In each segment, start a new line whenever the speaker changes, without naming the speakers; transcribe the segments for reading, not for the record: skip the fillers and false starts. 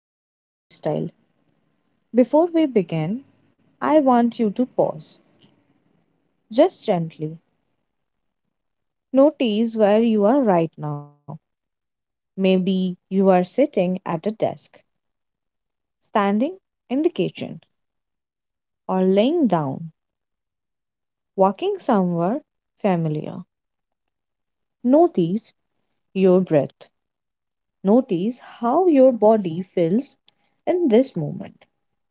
to Healthy Lifestyle. Before we begin, I want you to pause just gently. Notice where you are right now. Maybe you are sitting at a desk, standing in the kitchen, or laying down, walking somewhere familiar. Notice your breath. Notice how your body feels in this moment.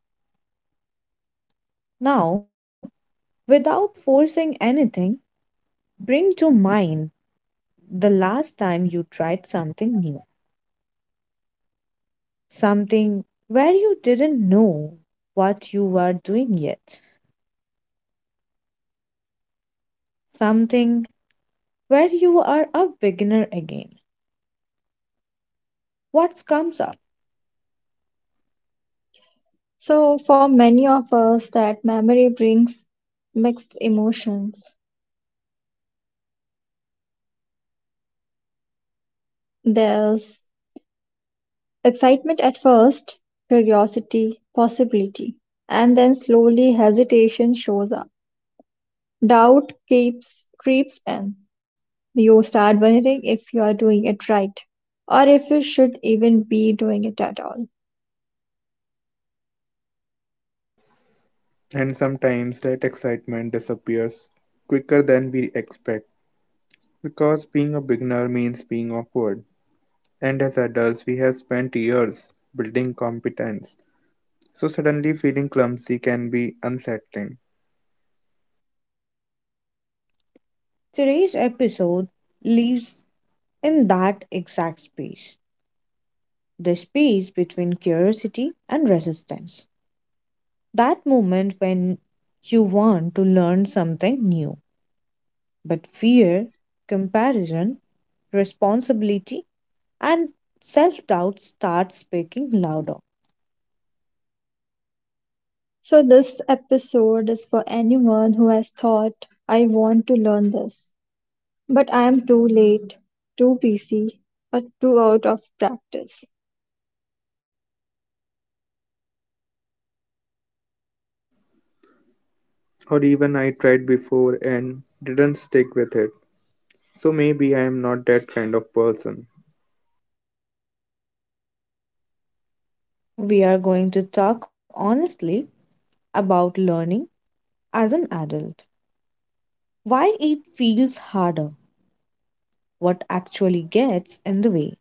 Now, without forcing anything, bring to mind the last time you tried something new, something where you didn't know what you were doing yet, something where you are a beginner again. What comes up?
So, for many of us, that memory brings mixed emotions. There's excitement at first, curiosity, possibility, and then slowly hesitation shows up. Doubt keeps creeps in. You start wondering if you are doing it right or if you should even be doing it at all.
And sometimes that excitement disappears quicker than we expect because being a beginner means being awkward. And as adults, we have spent years building competence. So suddenly feeling clumsy can be unsettling.
Today's episode lives in that exact space, the space between curiosity and resistance. That moment when you want to learn something new, but fear, comparison, responsibility, and self doubt starts speaking louder.
So, this episode is for anyone who has thought, "I want to learn this, but I am too late, too busy, or too out of practice."
Or even I tried before and didn't stick with it. So maybe I am not that kind of person.
We are going to talk honestly about learning as an adult, why it feels harder, what actually gets in the way,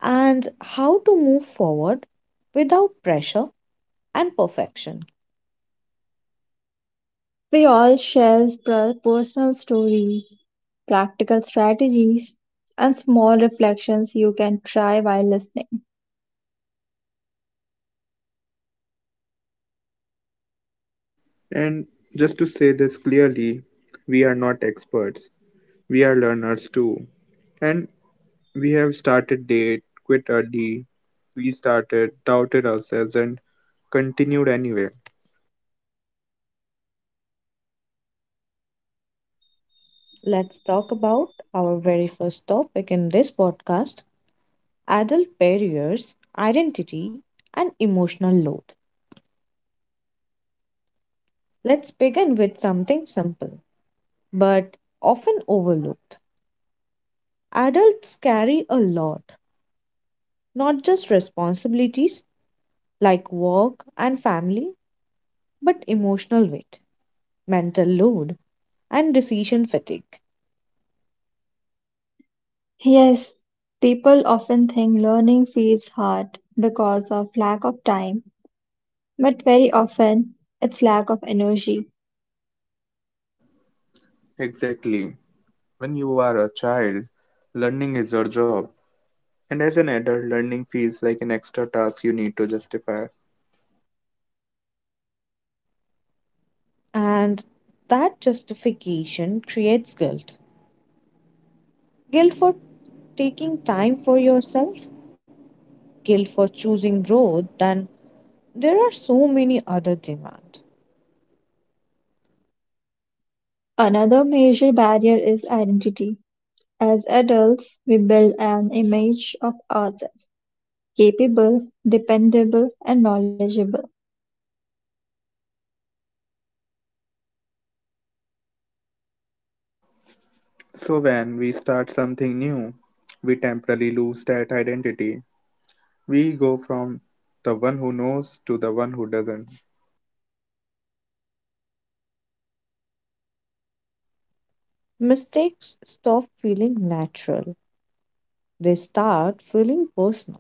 and how to move forward without pressure and perfection.
We all share personal stories, practical strategies, and small reflections you can try while listening.
And just to say this clearly, we are not experts. We are learners too. And we have started date quit early, restarted, doubted ourselves, and continued anyway.
Let's talk about our very first topic in this podcast: adult barriers, identity, and emotional load. Let's begin with something simple but often overlooked. Adults carry a lot, not just responsibilities like work and family, but emotional weight, mental load, and decision fatigue.
Yes, people often think learning feels hard because of lack of time, but very often it's lack of energy.
Exactly. When you are a child, learning is your job. And as an adult, learning feels like an extra task you need to justify.
And that justification creates guilt. Guilt for taking time for yourself, guilt for choosing growth, then there are so many other demands.
Another major barrier is identity. As adults, we build an image of ourselves: capable, dependable and knowledgeable,
So when we start something new, we temporarily lose that identity. We go from the one who knows to the one who doesn't.
Mistakes stop feeling natural, they start feeling personal.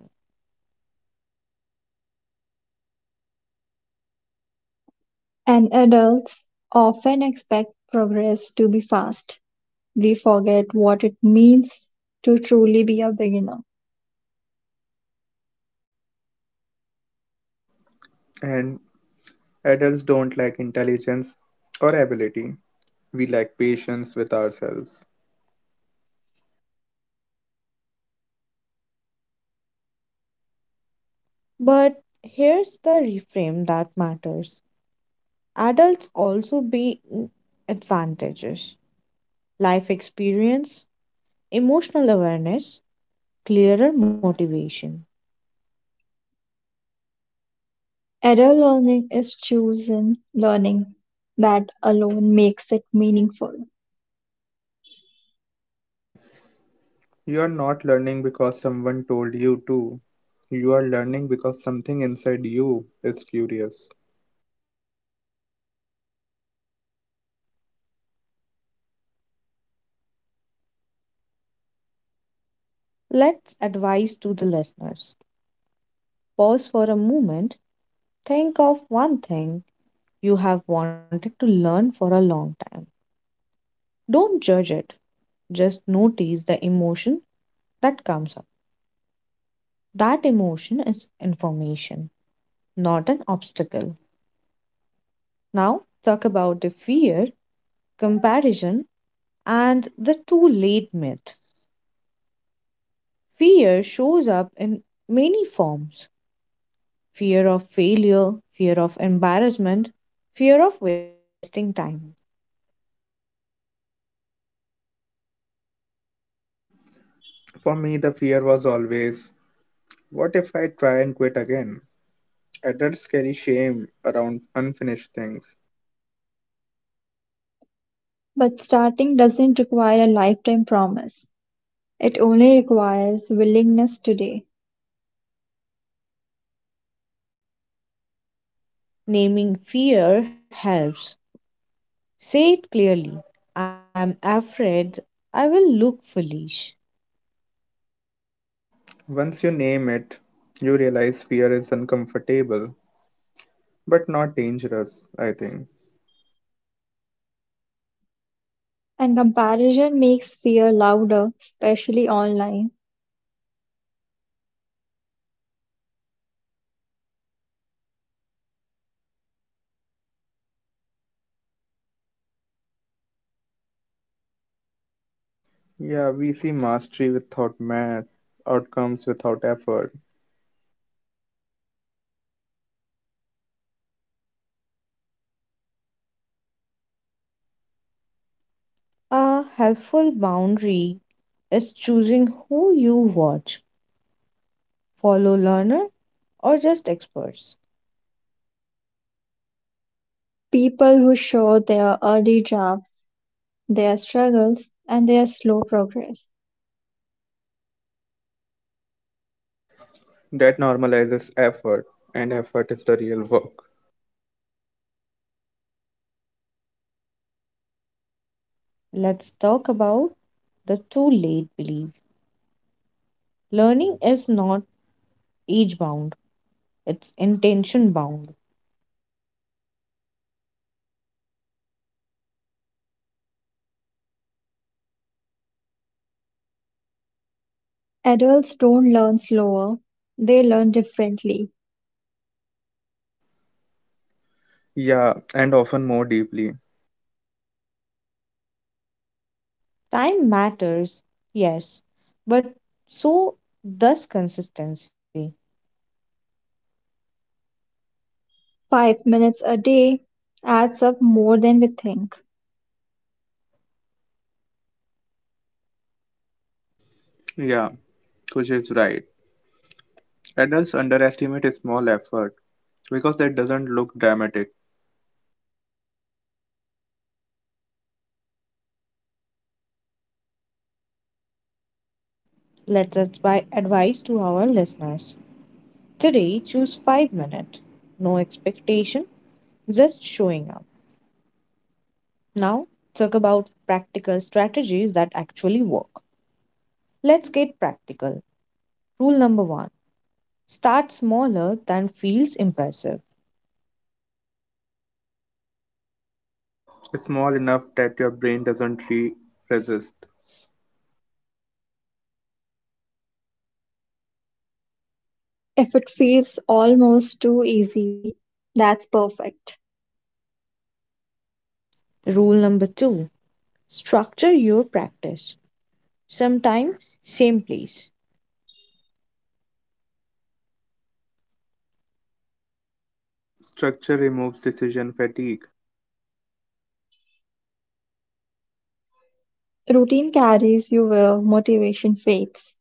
and adults often expect progress to be fast. We forget what it means to truly be a beginner.
And adults don't lack intelligence or ability. We lack patience with ourselves.
But here's the reframe that matters: adults also be advantages, life experience, emotional awareness, clearer motivation.
Adult learning is chosen learning. That alone makes it meaningful.
You are not learning because someone told you to. You are learning because something inside you is curious.
Let's advise to the listeners: pause for a moment, think of one thing you have wanted to learn for a long time. Don't judge it, just notice the emotion that comes up. That emotion is information, not an obstacle. Now, talk about the fear, comparison, and the too late myth. Fear shows up in many forms: fear of failure, fear of embarrassment, fear of wasting time.
For me, the fear was always, what if I try and quit again? Adults carry shame around unfinished things.
But starting doesn't require a lifetime promise. It only requires willingness today.
Naming fear helps. Say it clearly: I am afraid I will look foolish.
Once you name it, you realize fear is uncomfortable, but not dangerous, I think.
And comparison makes fear louder, especially online.
Yeah, we see mastery without math, outcomes without effort.
A helpful boundary is choosing who you watch, follow learner or just experts.
People who show their early drafts, their struggles and their slow progress.
That normalizes effort, and effort is the real work.
Let's talk about the too late belief. Learning is not age bound, it's intention bound.
Adults don't learn slower, they learn differently.
Yeah, and often more deeply.
Time matters, yes, but so does consistency.
5 minutes a day adds up more than we think.
Yeah, Kush is right. Adults underestimate a small effort because that doesn't look dramatic.
Let's advise to our listeners. Today, choose 5 minutes. No expectation, just showing up. Now, talk about practical strategies that actually work. Let's get practical. Rule number one: start smaller than feels impressive.
It's small enough that your brain doesn't resist.
If it feels almost too easy, that's perfect.
Rule number two: structure your practice. Sometimes, same place.
Structure removes decision fatigue.
Routine carries you where motivation fades.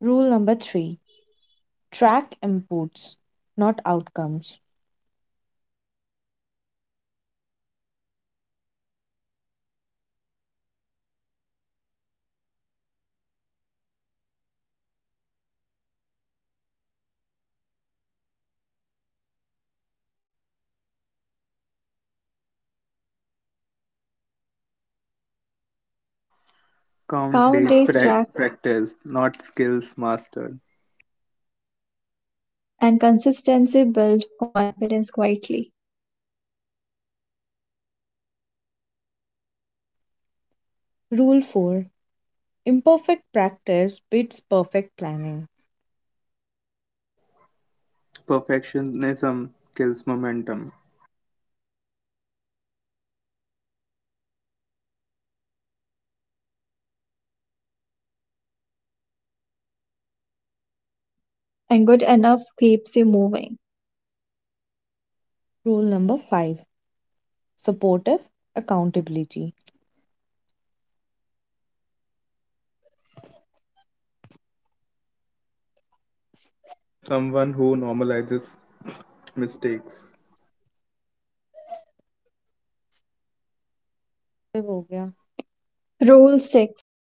Rule number three: track inputs, not outcomes.
Count
Count
days
days practice
practice, not skills mastered.
and consistency build confidence quietly.
Rule 4: imperfect practice beats perfect planning.
Perfectionism kills momentum.
And good enough keeps you moving.
Rule number 5: supportive accountability.
Someone who normalizes mistakes
Rule 6,